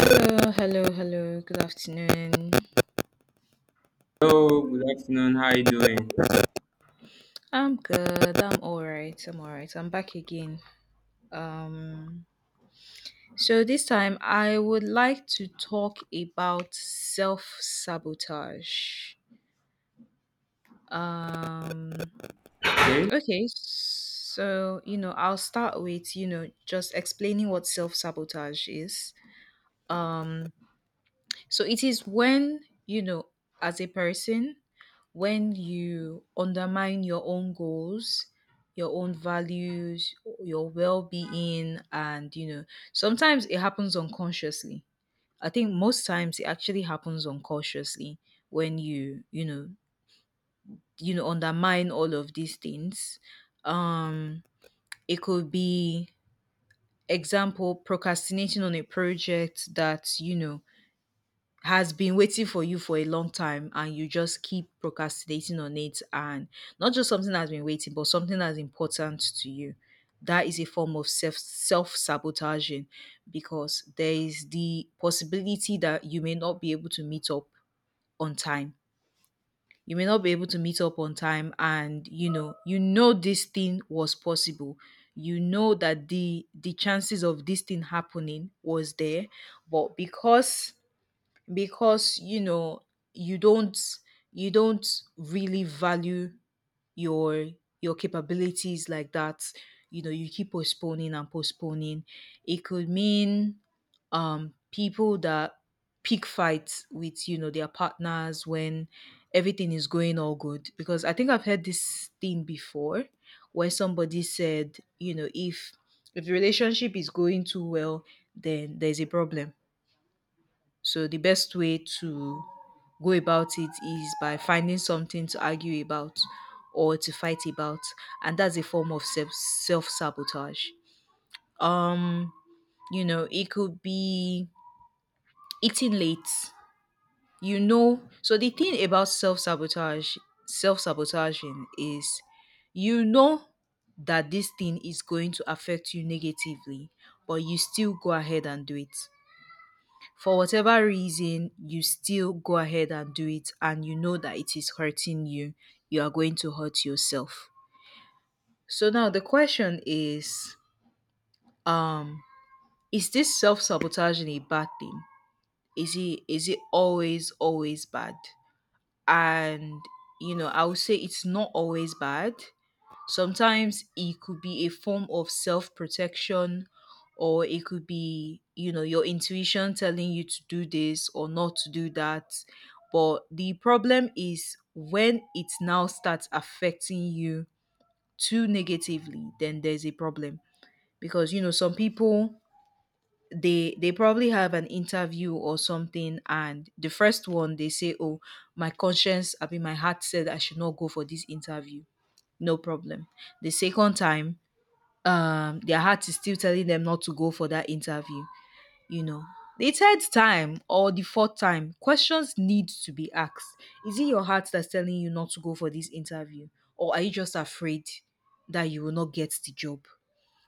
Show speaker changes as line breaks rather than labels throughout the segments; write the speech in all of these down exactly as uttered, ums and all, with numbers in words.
Hello, hello, hello. Good afternoon.
Hello, good afternoon. How are you doing?
I'm good. I'm all right. I'm all right. I'm back again. Um, so this time I would like to talk about self sabotage. Um,
Okay.
okay. So, you know, I'll start with, you know, just explaining what self sabotage is. Um, so it is when, you know, as a person, when you undermine your own goals, your own values, your well-being. And you know sometimes it happens unconsciously. I think most times it actually happens unconsciously when you you know you know undermine all of these things. um it could be example procrastinating on a project that, you know has been waiting for you for a long time, and you just keep procrastinating on it. And not just something that's been waiting, but something that's important to you. That is a form of self self sabotaging, because there is the possibility that you may not be able to meet up on time. You may not be able to meet up on time, and you know you know this thing was possible. You know that the the chances of this thing happening was there, but because, because you know you don't you don't really value your your capabilities like that. You know, you keep postponing and postponing. It could mean um people that pick fights with, you know their partners when everything is going all good. Because I think I've heard this thing before, where somebody said, you know if, if the relationship is going too well, then there's a problem. So the best way to go about it is by finding something to argue about or to fight about, and that's a form of self self sabotage. Um, you know, it could be eating late. You know, so the thing about self sabotage, self sabotaging is, you know that this thing is going to affect you negatively, but you still go ahead and do it. For whatever reason you still go ahead and do it, and you know that it is hurting you. You are going to hurt yourself. So now the question is, um is this self-sabotaging a bad thing? Is it, is it always always bad? And, you know I would say it's not always bad. Sometimes it could be a form of self protection, or it could be, you know, your intuition telling you to do this or not to do that. But the problem is when it now starts affecting you too negatively, then there's a problem. Because, you know, some people, they they probably have an interview or something. And the first one they say, oh, my conscience i mean my heart said I should not go for this interview. No problem. The second time, um their heart is still telling them not to go for that interview. you know the third time or the fourth time, questions need to be asked. Is it your heart that's telling you not to go for this interview, or are you just afraid that you will not get the job?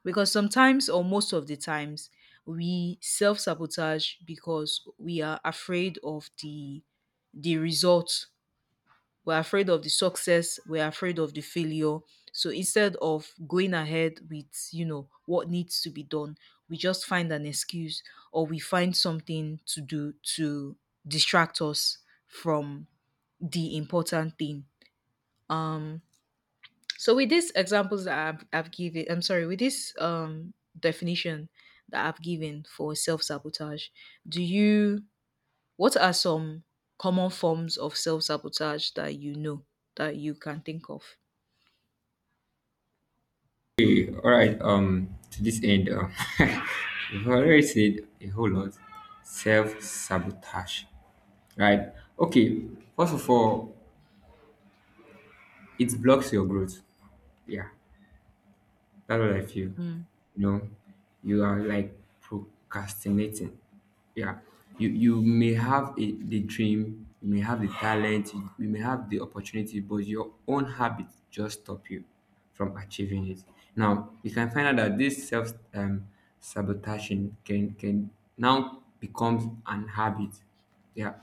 Because sometimes, or most of the times, we self-sabotage because we are afraid of the the result. We're afraid of the success. We're afraid of the failure. So instead of going ahead with, you know, what needs to be done, we just find an excuse, or we find something to do to distract us from the important thing. Um, so with these examples that I've, I've given, I'm sorry, with this um, definition that I've given for self sabotage, do you, what are some common forms of self sabotage that you know, that you can think of?
Hey, all right. Um, to this end, um, you've already said a whole lot. Self sabotage, right? Okay. First of all, it blocks your growth. Yeah, that's what I feel.
Mm,
You know, you are like procrastinating. Yeah. You you may have a, the dream, you may have the talent, you, you may have the opportunity, but your own habits just stop you from achieving it. Now you can find out that this self um, sabotaging can can now becomes an habit, yeah.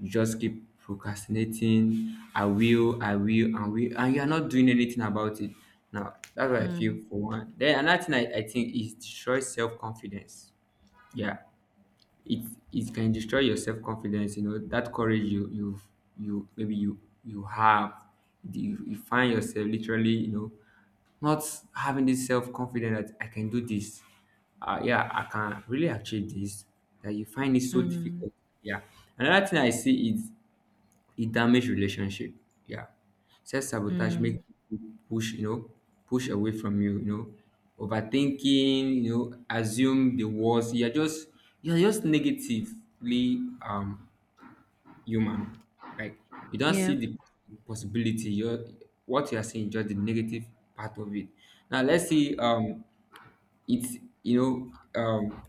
You just keep procrastinating. I will, I will, and will, and you're not doing anything about it. Now, that's what I
mm,
feel for one. Then another thing I, I think is destroys self confidence. Yeah, it it can destroy your self confidence. You know that courage you you you maybe you you have. You, you find yourself literally, you know, not having this self confidence that I can do this. Uh, yeah, I can really achieve this. That you find it so
mm,
difficult. Yeah. Another thing I see is it damages relationship. Yeah. Self sabotage make
mm.
people push, you know, push away from you, you know, overthinking, you know, assume the worst. You're just you're just negatively um human. Like you don't
Yeah.
see the possibility. You're what you are seeing is just the negative part of it. Now let's see um it's you know um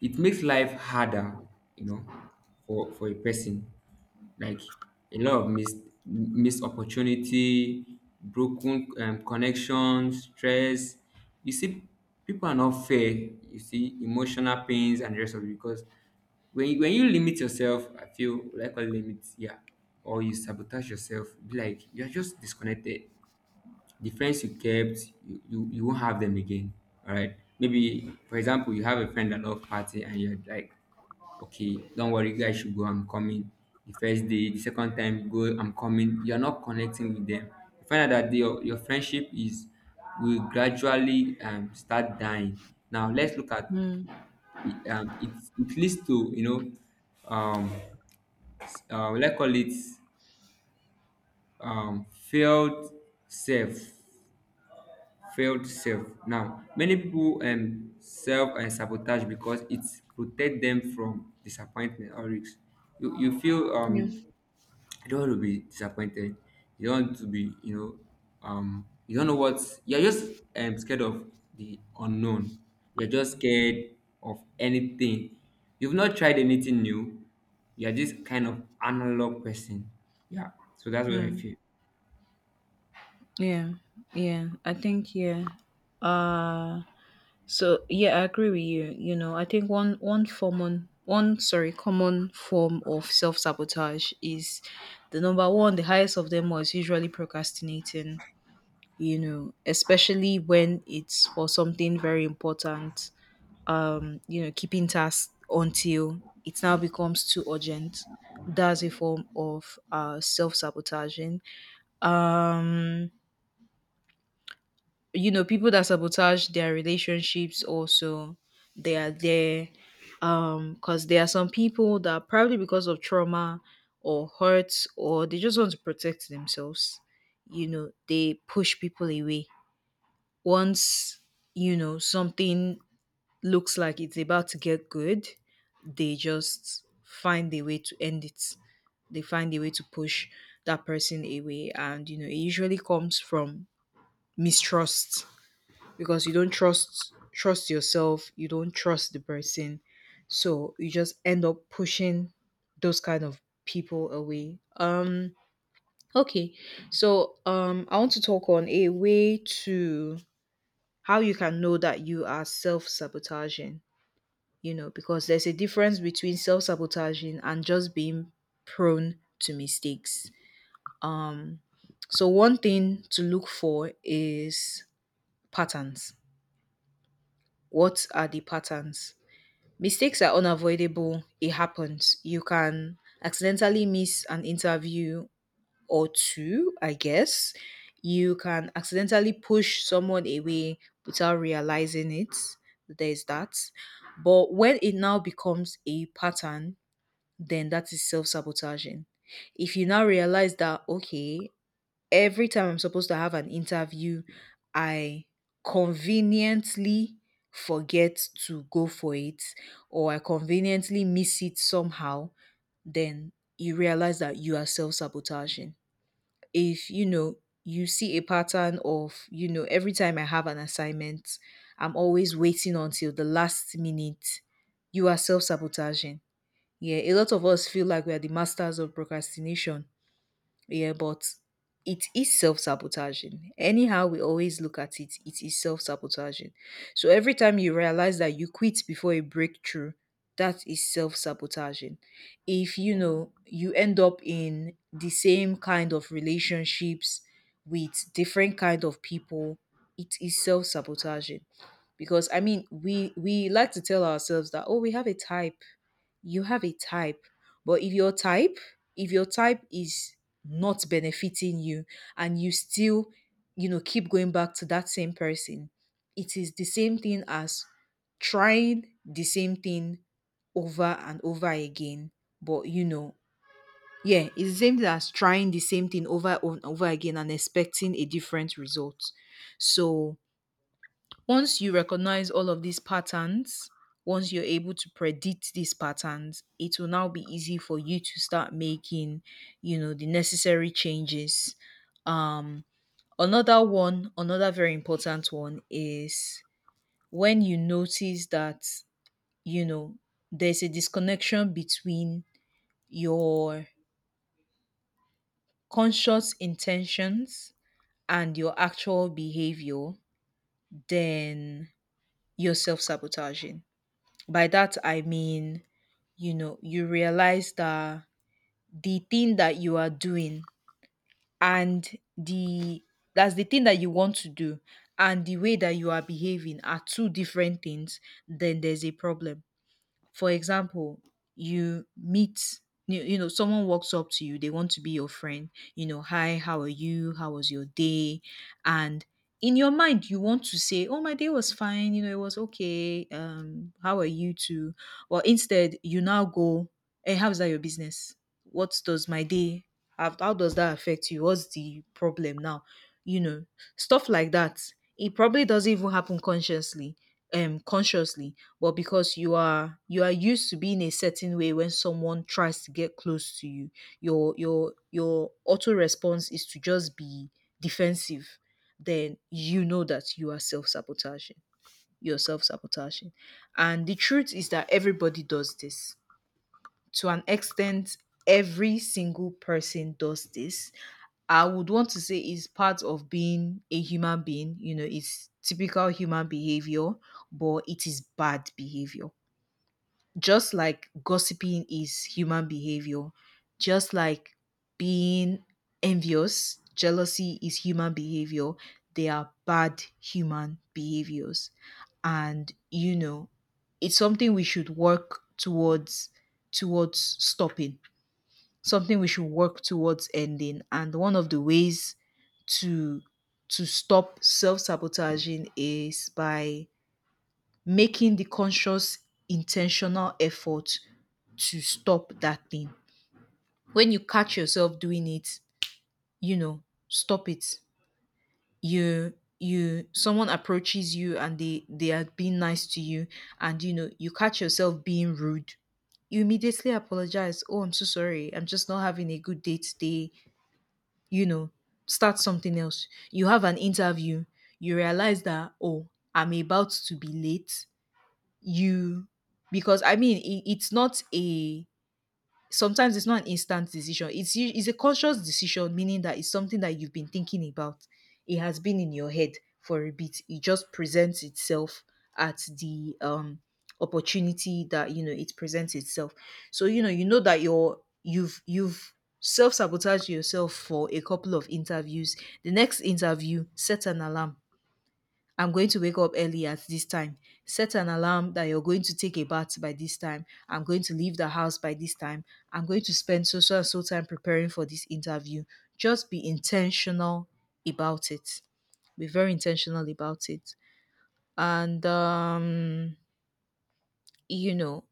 it makes life harder, you know, for for a person. Like a lot of missed missed opportunity, broken um, connections, stress. You see, people are not fair. You see, emotional pains and the rest of it. Because when you, when you limit yourself, I feel like a limit, yeah, or you sabotage yourself, be like you are just disconnected, the friends you kept, you, you, you won't have them again. All right. Maybe, for example, you have a friend that love party and you're like, okay, don't worry, you guys should go, I'm coming. The first day, the second time you go, I'm coming. You're not connecting with them. You find out that your, your friendship is will gradually um, start dying. Now let's look at
Mm,
it, um, it, it leads to, you know, um, uh, let's call it um, failed self failed self. Now, many people um, self and sabotage because it protect them from disappointment or risks. You, you feel um,
yes.
you don't want to be disappointed. You don't want to be, you know, um, you don't know what, you're just um, scared of the unknown. You're just scared of anything. You've not tried anything new. You're just kind of analog person. Yeah. So that's what I feel.
Yeah. Yeah. I think yeah. Uh so yeah, I agree with you. You know, I think one one common one sorry, common form of self sabotage is the number one, the highest of them was usually procrastinating, you know, especially when it's for something very important. Um, you know, keeping tasks until it now becomes too urgent. That's a form of uh, self sabotaging. Um, you know, people that sabotage their relationships also, they are there um because there are some people that probably, because of trauma or hurt, or they just want to protect themselves, you know they push people away. Once, you know something looks like it's about to get good, they just find a way to end it. They find a way to push that person away, and you know it usually comes from mistrust, because you don't trust trust yourself, you don't trust the person, so you just end up pushing those kind of people away. Um, okay, so um, I want to talk on a way to how you can know that you are self sabotaging, you know, because there's a difference between self sabotaging and just being prone to mistakes. Um, so, one thing to look for is patterns. What are the patterns? Mistakes are unavoidable, it happens. You can accidentally miss an interview or two, I guess. You can accidentally push someone away without realizing it. There's that. But when it now becomes a pattern, then that is self sabotaging. If you now realize that, okay, every time I'm supposed to have an interview, I conveniently forget to go for it, or I conveniently miss it somehow, then you realize that you are self sabotaging. If you know, you see a pattern of, you know, every time I have an assignment, I'm always waiting until the last minute, you are self sabotaging. Yeah, a lot of us feel like we are the masters of procrastination. Yeah, but it is self sabotaging. Anyhow we always look at it, it is self sabotaging. So every time you realize that you quit before a breakthrough, that is self sabotaging. If you know you end up in the same kind of relationships with different kind of people, it is self sabotaging, because I mean we we like to tell ourselves that, oh, we have a type. You have a type, but if your type, if your type is not benefiting you, and you still, you know, keep going back to that same person, it is the same thing as trying the same thing over and over again. But you know, yeah, it's the same thing as trying the same thing over and over again and expecting a different result. So once you recognize all of these patterns, once you're able to predict these patterns, it will now be easy for you to start making, you know, the necessary changes. Um, another one, another very important one is when you notice that, you know, there's a disconnection between your conscious intentions and your actual behavior, then you're self sabotaging. By that, I mean, you know you realize that the thing that you are doing, and the that's the thing that you want to do, and the way that you are behaving are two different things, then there's a problem. For example, you meet you you know someone walks up to you, they want to be your friend, you know, hi, how are you, how was your day? And in your mind you want to say, oh, my day was fine, you know it was okay, um how are you too? Well, instead you now go, hey, how's that your business? What does my day have? How does that affect you? What's the problem now? You know, stuff like that. It probably doesn't even happen consciously, um consciously but because you are you are used to being a certain way. When someone tries to get close to you, your your your auto response is to just be defensive, then you know that you are self-sabotaging. You're self-sabotaging. And the truth is that everybody does this to an extent. Every single person does this. I would want to say is part of being a human being, you know, it's typical human behavior, but it is bad behavior. Just like gossiping is human behavior, just like being envious, jealousy is human behavior. They are bad human behaviors. And, you know, it's something we should work towards towards stopping, something we should work towards ending. And one of the ways to to stop self-sabotaging is by making the conscious, intentional effort to stop that thing. When you catch yourself doing it, you know, stop it. You you Someone approaches you and they they are being nice to you, and you know you catch yourself being rude, you immediately apologize. Oh, I'm so sorry, I'm just not having a good day today. You know, start something else. You have an interview. You realize that, oh, I'm about to be late. You Because I mean, it, it's not a sometimes it's not an instant decision. It's u- it's a conscious decision, meaning that it's something that you've been thinking about. It has been in your head for a bit. It just presents itself at the um opportunity that, you know, it presents itself. So you know you know that you're you've you've self sabotaged yourself for a couple of interviews. The next interview, set an alarm. I'm going to wake up early at this time. Set an alarm that you're going to take a bath by this time. I'm going to leave the house by this time. I'm going to spend so so and so time preparing for this interview. Just be intentional about it. Be very intentional about it. And um, you know,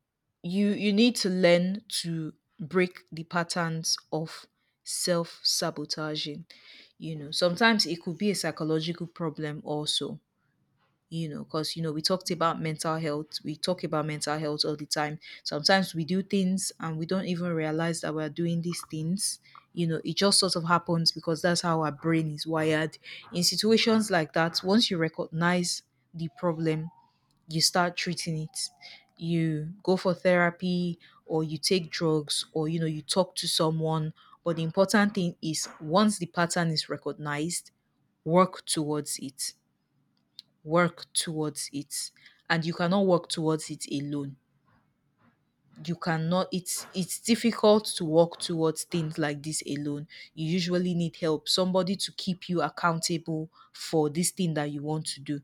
you you need to learn to break the patterns of self-sabotaging. You know, sometimes it could be a psychological problem also, you know, because, you know, we talked about mental health, we talk about mental health all the time. Sometimes we do things and we don't even realize that we're doing these things, you know. It just sort of happens because that's how our brain is wired. In situations like that, once you recognize the problem, you start treating it. You go for therapy, or you take drugs, or, you know, you talk to someone. But the important thing is, once the pattern is recognized, work towards it. work towards it and you cannot work towards it alone. You cannot, it's it's difficult to work towards things like this alone. You usually need help, somebody to keep you accountable for this thing that you want to do.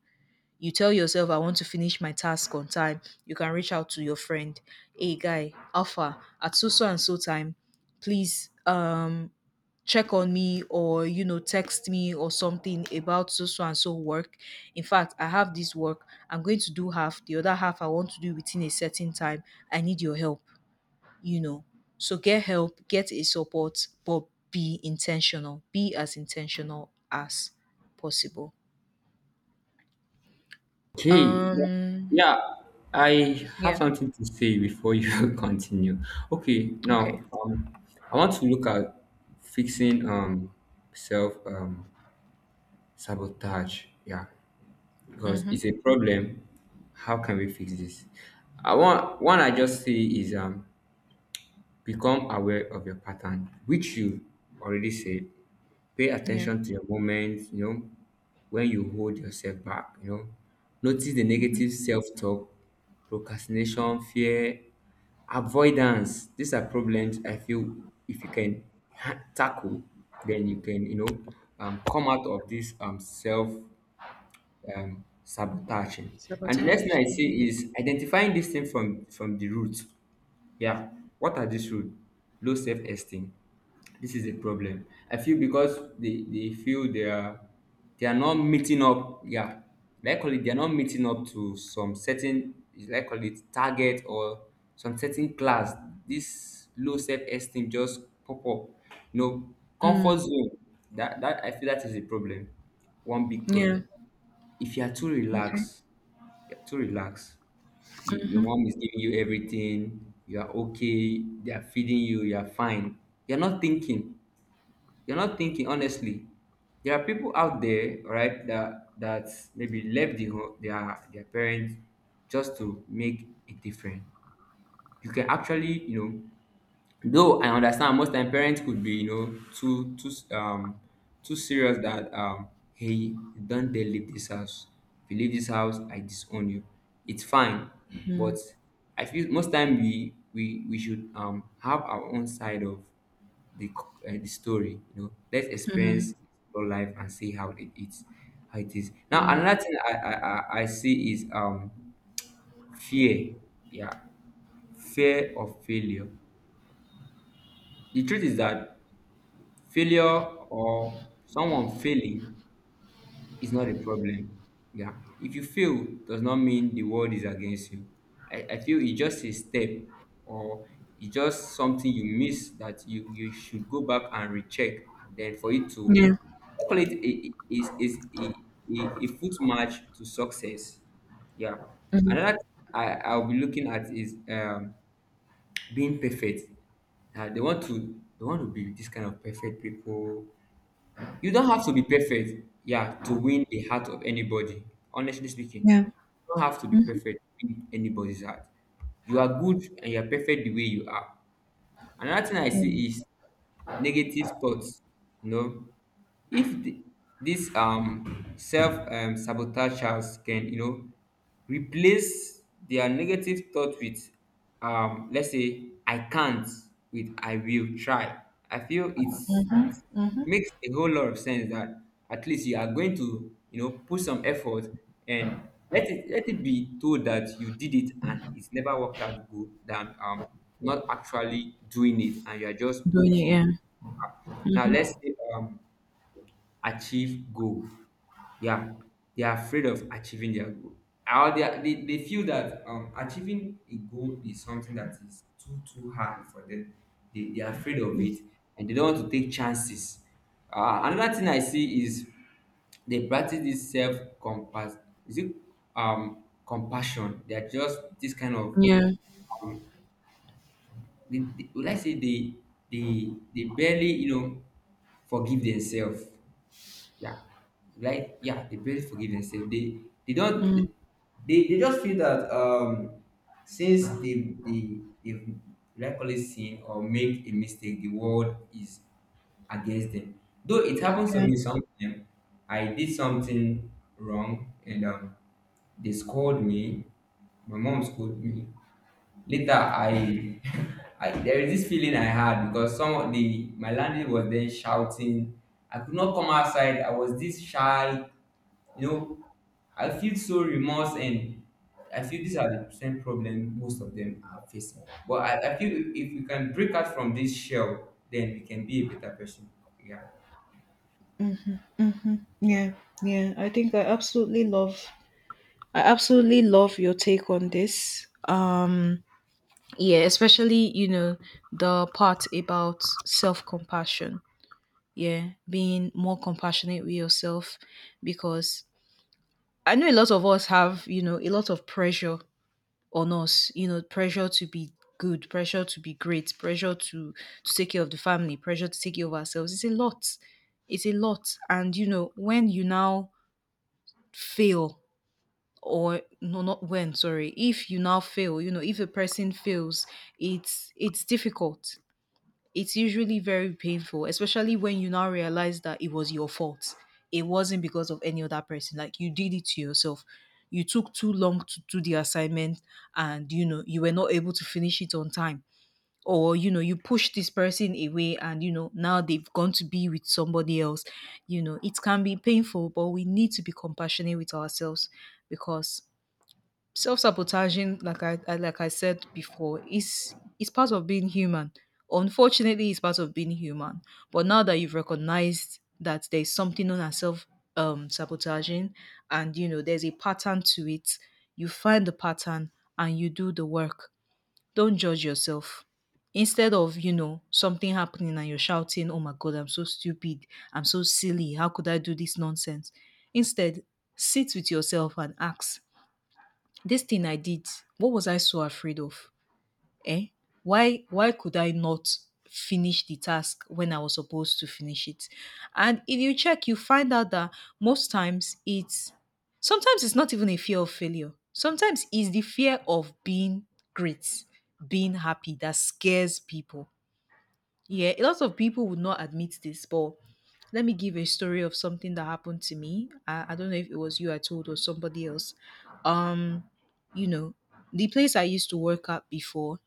You tell yourself, I want to finish my task on time. You can reach out to your friend. Hey guy Alpha, at so so and so time, please um check on me, or, you know, text me or something about so so and so work. In fact, I have this work, I'm going to do half, the other half I want to do within a certain time. I need your help, you know. So get help, get a support, but be intentional, be as intentional as possible.
Okay. Yeah.
um
Yeah, I have
yeah.
something to say before you continue. Okay,
Okay.
now um, I want to look at fixing um self um sabotage. Yeah, because it's a
Mhm.
problem. How can we fix this? I want one I just say is um become aware of your pattern, which you already said. Pay
Yeah.
attention to your moments, you know, when you hold yourself back, you know. Notice the
Mhm.
negative self-talk, procrastination, fear, avoidance. These are problems I feel if you can ha- tackle, then you can, you know, um, come out of this um, self um, sabotaging. And the next thing
Sabotage.
I
Mhm.
see is identifying this thing from from the root. Yeah. What are these rules? Low self-esteem. This is a problem. I feel because they, they feel they are they are not meeting up. Yeah. Likely they are not meeting up to some certain is likely target or some certain class. This low self-esteem just pop up. You know, comfort
Mm.
zone. That that I feel that is a problem. One big
Yeah.
problem. If you are too
Okay.
relaxed, you're too relaxed, you, your mom is giving you everything, you are okay, they are feeding you, you are fine, you're not thinking, you're not thinking, honestly there are people out there, right, that that maybe left the home, their their parents, just to make a difference. You can actually, you know, though I understand most time parents could be, you know, too too um too serious that, um, hey, don dey leave this house, if you leave this house I disown you, it's fine. But
Mm.
I feel most time we we we should um have our own side of the c- uh, the story, you know, let's experience your life and see how it is, how it is. Now another thing i i i I see is um fear, yeah, fear of failure. The truth is that failure or someone failing is not a problem. Yeah. If you fail, does not mean the world is against you. I, I feel it's just a step or it's just something you miss that you, you should go back and recheck then for it to,
Yeah.
I call it a, is is a, a, a, foot march to success. Yeah.
Mhm.
Another thing I, I'll be looking at is um being perfect. Uh, they want to they want to be this kind of perfect people. You don't have to be perfect, yeah, to win the heart of anybody. Honestly speaking,
Yeah.
you don't have to be perfect to win anybody's heart. You are good and you are perfect the way you are. Another thing I
Mm.
see is negative thoughts, you know, if the, this um self um sabotagers can, you know, replace their negative thought with, um let's say, I can't with I will try. I feel it's it's it makes a whole lot of sense that at least you are going to, you know, put some effort and let it let it be told that you did it and it's never worked out good than um not actually doing it and you are just
Doing it.
okay.
Yeah.
Now let's say um achieve goal. Yeah, they are afraid of achieving their goal. Or they, are, they they feel that um achieving a goal is something that is too too hard for them. They they are afraid of it and they don't want to take chances. Uh, another thing I see is they practice this self compass, is it, um compassion, they are just this kind of,
Yeah.
they, they, would I say they they they barely, you know, forgive themselves. Yeah, like yeah, they barely forgive themselves. They they don't
Mm.
they, they just feel that um since they they they've likely sin or make a mistake, the world is against them. Though it happens to
Yeah.
me sometimes, I did something wrong and um they scolded me. My mom scolded me. Later, I, I there is this feeling I had because some of the my landlady was then shouting. I could not come outside. I was this shy, you know. I feel so remorse and I feel these are the same problem most of them are facing. But I, I feel if we can break out from this shell, then we can be a better person. Yeah.
hmm Yeah. Yeah. I think I absolutely love. I absolutely love your take on this. Um. Yeah. Especially, you know, the part about self compassion. Yeah, being more compassionate with yourself, because I know a lot of us have, you know, a lot of pressure on us, you know, pressure to be good, pressure to be great, pressure to to take care of the family, pressure to take care of ourselves. It's a lot. It's a lot and you know, when you now fail, or no not when sorry if you now fail, you know, if a person fails, it's it's difficult, it's usually very painful, especially when you now realize that it was your fault. It wasn't because of any other person. Like, you did it to yourself. You took too long to do the assignment, and you know, you were not able to finish it on time. Or, you know, you pushed this person away, and you know, now they've gone to be with somebody else. You know, it can be painful, but we need to be compassionate with ourselves, because self-sabotaging, like I, I like I said before, is is part of being human. Unfortunately, it's part of being human. But now that you've recognized that there's something known as self um, sabotaging, and you know there's a pattern to it, you find the pattern and you do the work. Don't judge yourself. Instead of, you know, something happening and you're shouting, "Oh my god, I'm so stupid! I'm so silly! How could I do this nonsense?" Instead, sit with yourself and ask, this thing I did, what was I so afraid of? Eh? Why why could I not finish the task when I was supposed to finish it? And if you check, you find out that most times it's sometimes it's not even a fear of failure. Sometimes it's the fear of being great, being happy that scares people. Yeah, a lot of people would not admit this, but let me give a story of something that happened to me. I, I don't know if it was you I told or somebody else. Um, you know, the place I used to work at before,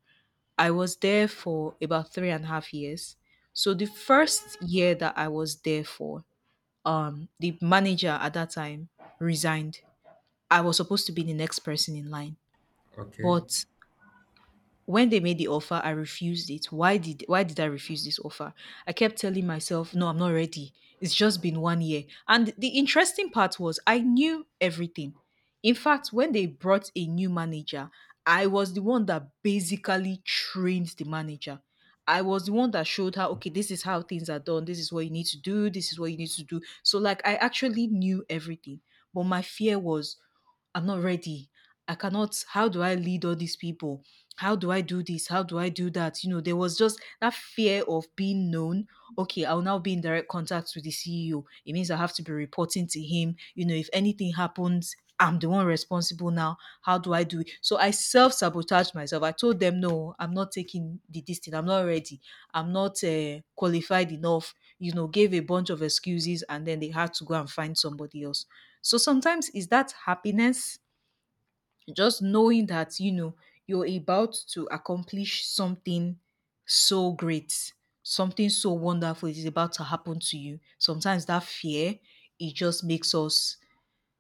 I was there for about three and a half years. So the first year that I was there for, um, the manager at that time resigned. I was supposed to be the next person in line,
Okay.
but when they made the offer, I refused it. Why did why did I refuse this offer? I kept telling myself, no, I'm not ready. It's just been one year. And the interesting part was, I knew everything. In fact, when they brought a new manager, I was the one that basically trained the manager. I was the one that showed her, okay, this is how things are done. This is what you need to do. This is what you need to do. So, like, I actually knew everything. But my fear was, I'm not ready. I cannot. How do I lead all these people? How do I do this? How do I do that? You know, there was just that fear of being known. Okay, I'll now be in direct contact with the C E O. It means I have to be reporting to him. You know, if anything happens, I'm the one responsible now. How do I do it? So I self sabotaged myself. I told them, no, I'm not taking the this I'm not ready. I'm not uh, qualified enough. You know, gave a bunch of excuses, and then they had to go and find somebody else. So sometimes is that happiness, just knowing that, you know, you're about to accomplish something so great, something so wonderful is about to happen to you. Sometimes that fear, it just makes us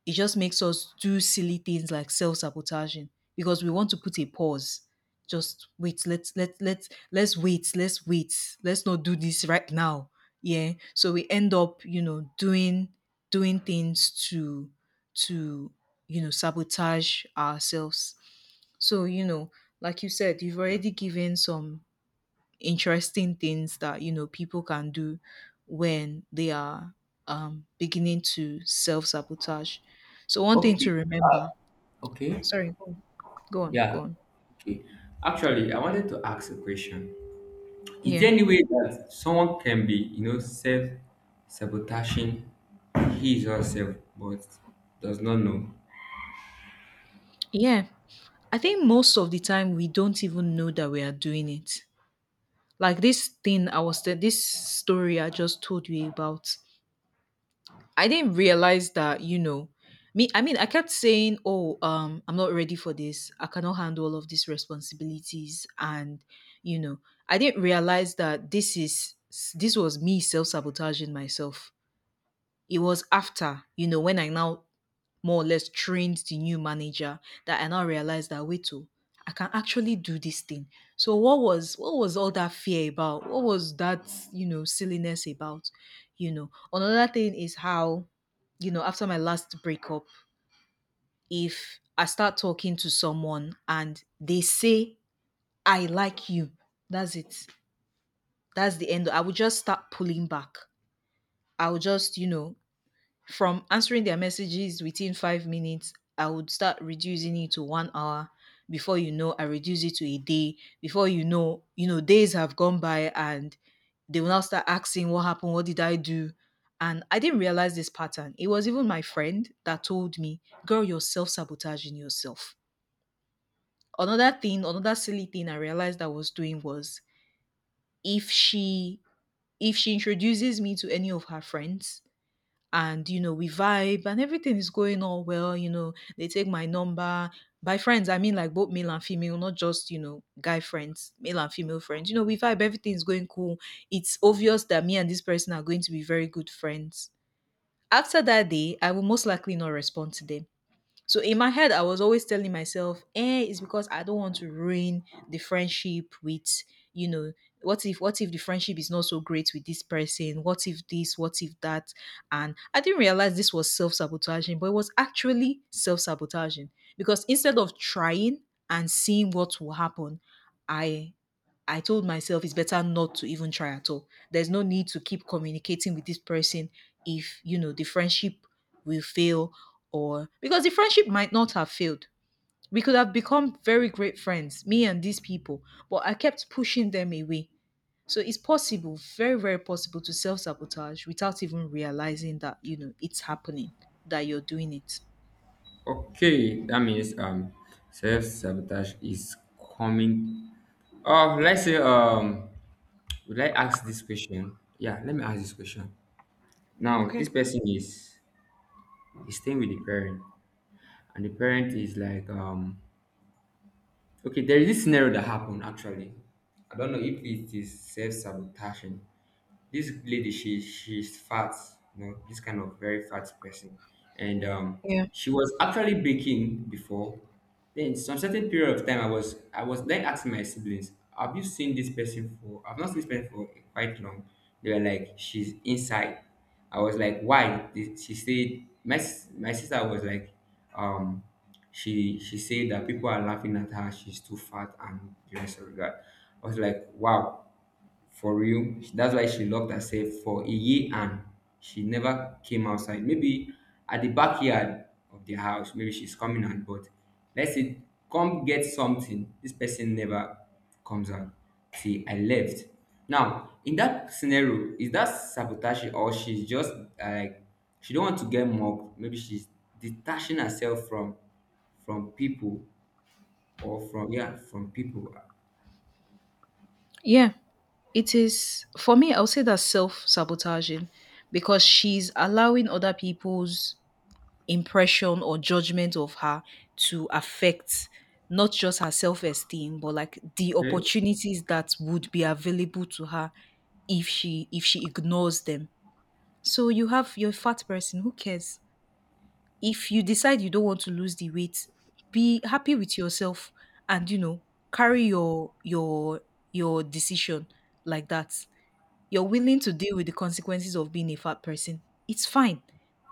it just makes us do silly things like self-sabotaging, because we want to put a pause. Just wait, let's let let let's wait, let's wait let's not do this right now. Yeah, so we end up, you know, doing doing things to to you know, sabotage ourselves. So, you know, like you said, you've already given some interesting things that you know people can do when they are um, beginning to self sabotage. So one thing to
Okay.
remember.
Okay.
Sorry, go on, go on, go
Yeah.
on.
Okay. Actually, I wanted to ask a question. Is
Yeah,
there any way that someone can be, you know, self sabotaging his or herself but does not know?
yeah. I think most of the time we don't even know that we are doing it. Like this thing I was, te- this story I just told you about. I didn't realize that, you know, me, I mean, I kept saying, oh, um, I'm not ready for this. I cannot handle all of these responsibilities. And, you know, I didn't realize that this is, this was me self sabotaging myself. It was after, you know, when I now more or less trained the new manager, that I now realized that, wait, oh, I can actually do this thing. So what was what was all that fear about? What was that, you know, silliness about? You know. Another thing is how, you know, after my last breakup, if I start talking to someone and they say, I like you, that's it. That's the end. I would just start pulling back. I would just, you know, from answering their messages within five minutes, I would start reducing it to one hour. Before you know, I reduce it to a day. Before you know, you know, days have gone by, and they will now start asking, what happened? What did I do? And I didn't realize this pattern. It was even my friend that told me, girl, you're self sabotaging yourself. Another thing, another silly thing I realized I was doing was, if she if she introduces me to any of her friends, and you know, we vibe and everything is going on well, you know, they take my number. By friends I mean like both male and female, not just, you know, guy friends, male and female friends. You know, we vibe, everything is going cool. It's obvious that me and this person are going to be very good friends. After that day, I will most likely not respond to them. So in my head, I was always telling myself, eh, it's because I don't want to ruin the friendship with, you know, what if what if the friendship is not so great with this person? What if this? What if that? And I didn't realize this was self-sabotaging, but it was actually self-sabotaging. Because instead of trying and seeing what will happen, I I told myself it's better not to even try at all. There's no need to keep communicating with this person if, you know, the friendship will fail. Or, because the friendship might not have failed. We could have become very great friends, me and these people, but I kept pushing them away. So it's possible, very, very possible to self sabotage without even realizing that, you know, it's happening, that you're doing it.
Okay, that means um self sabotage is coming. Uh, let's say um would I ask this question? Yeah, let me ask this question. Now
Okay.
this person is is staying with the parent and the parent is like um okay, there is this scenario that happened actually. I don't know if it is self sabotaging. This lady she she's fat, you know, this kind of very fat person, and um
Yeah.
she was actually baking before. Then some certain period of time i was I was then asking my siblings, have you seen this person for, I've not seen this person for quite long. They were like, she's inside. I was like, why? They- she said, my sis- my sister was like, um she she said that people are laughing at her, she's too fat and the rest of that. I was like, wow, for real? That's why she locked herself for a year and she never came outside. Maybe at the backyard of the house, maybe she's coming out, but let's say come get something, this person never comes out. See, I left. Now in that scenario, is that sabotage, or she's just, uh, like, she don't want to get mobbed, maybe she's detaching herself from from people, or from, yeah, from people.
Yeah, it is for me. I'll say that's self sabotaging, because she's allowing other people's impression or judgment of her to affect not just her self esteem, but like the
Okay.
opportunities that would be available to her if she if she ignores them. So you have your fat person. Who cares? If you decide you don't want to lose the weight, be happy with yourself, and you know, carry your your your decision like that, you're willing to deal with the consequences of being a fat person. It's fine.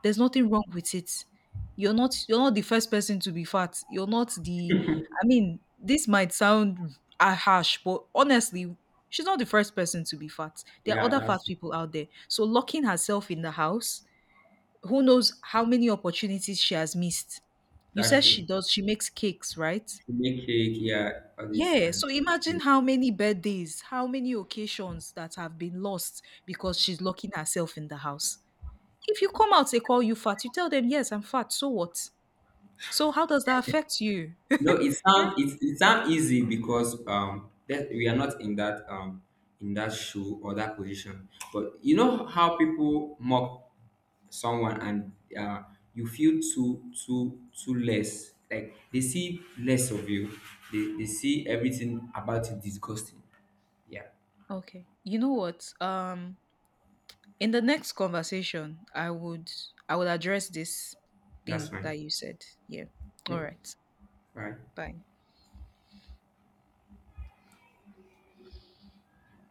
There's nothing wrong with it. You're not you're not the first person to be fat. You're not the I mean, this might sound uh, harsh, but honestly, she's not the first person to be fat. There are
Yeah,
other fat
that's
people out there. So locking herself in the house, who knows how many opportunities she has missed. You
that's
said she
true,
does, she makes cakes, right?
to make cake, yeah, all this.
Yeah,
And
so imagine how many birthdays, how many occasions that have been lost because she's locking herself in the house. If you come out, they call you fat. You tell them, yes, I'm fat. So what? So how does that affect you?
no, it
yeah.
sound it, it sound easy because um that we are not in that um in that shoe or that position. But you know how people mock someone and, uh, you feel too too too less. Like they see less of you. They they see everything about you disgusting. Yeah,
Okay. You know what? Um, in the next conversation, I would I would address this
that's
thing
fine.
that you said. Yeah. All
Okay,
right.
bye.
Bye.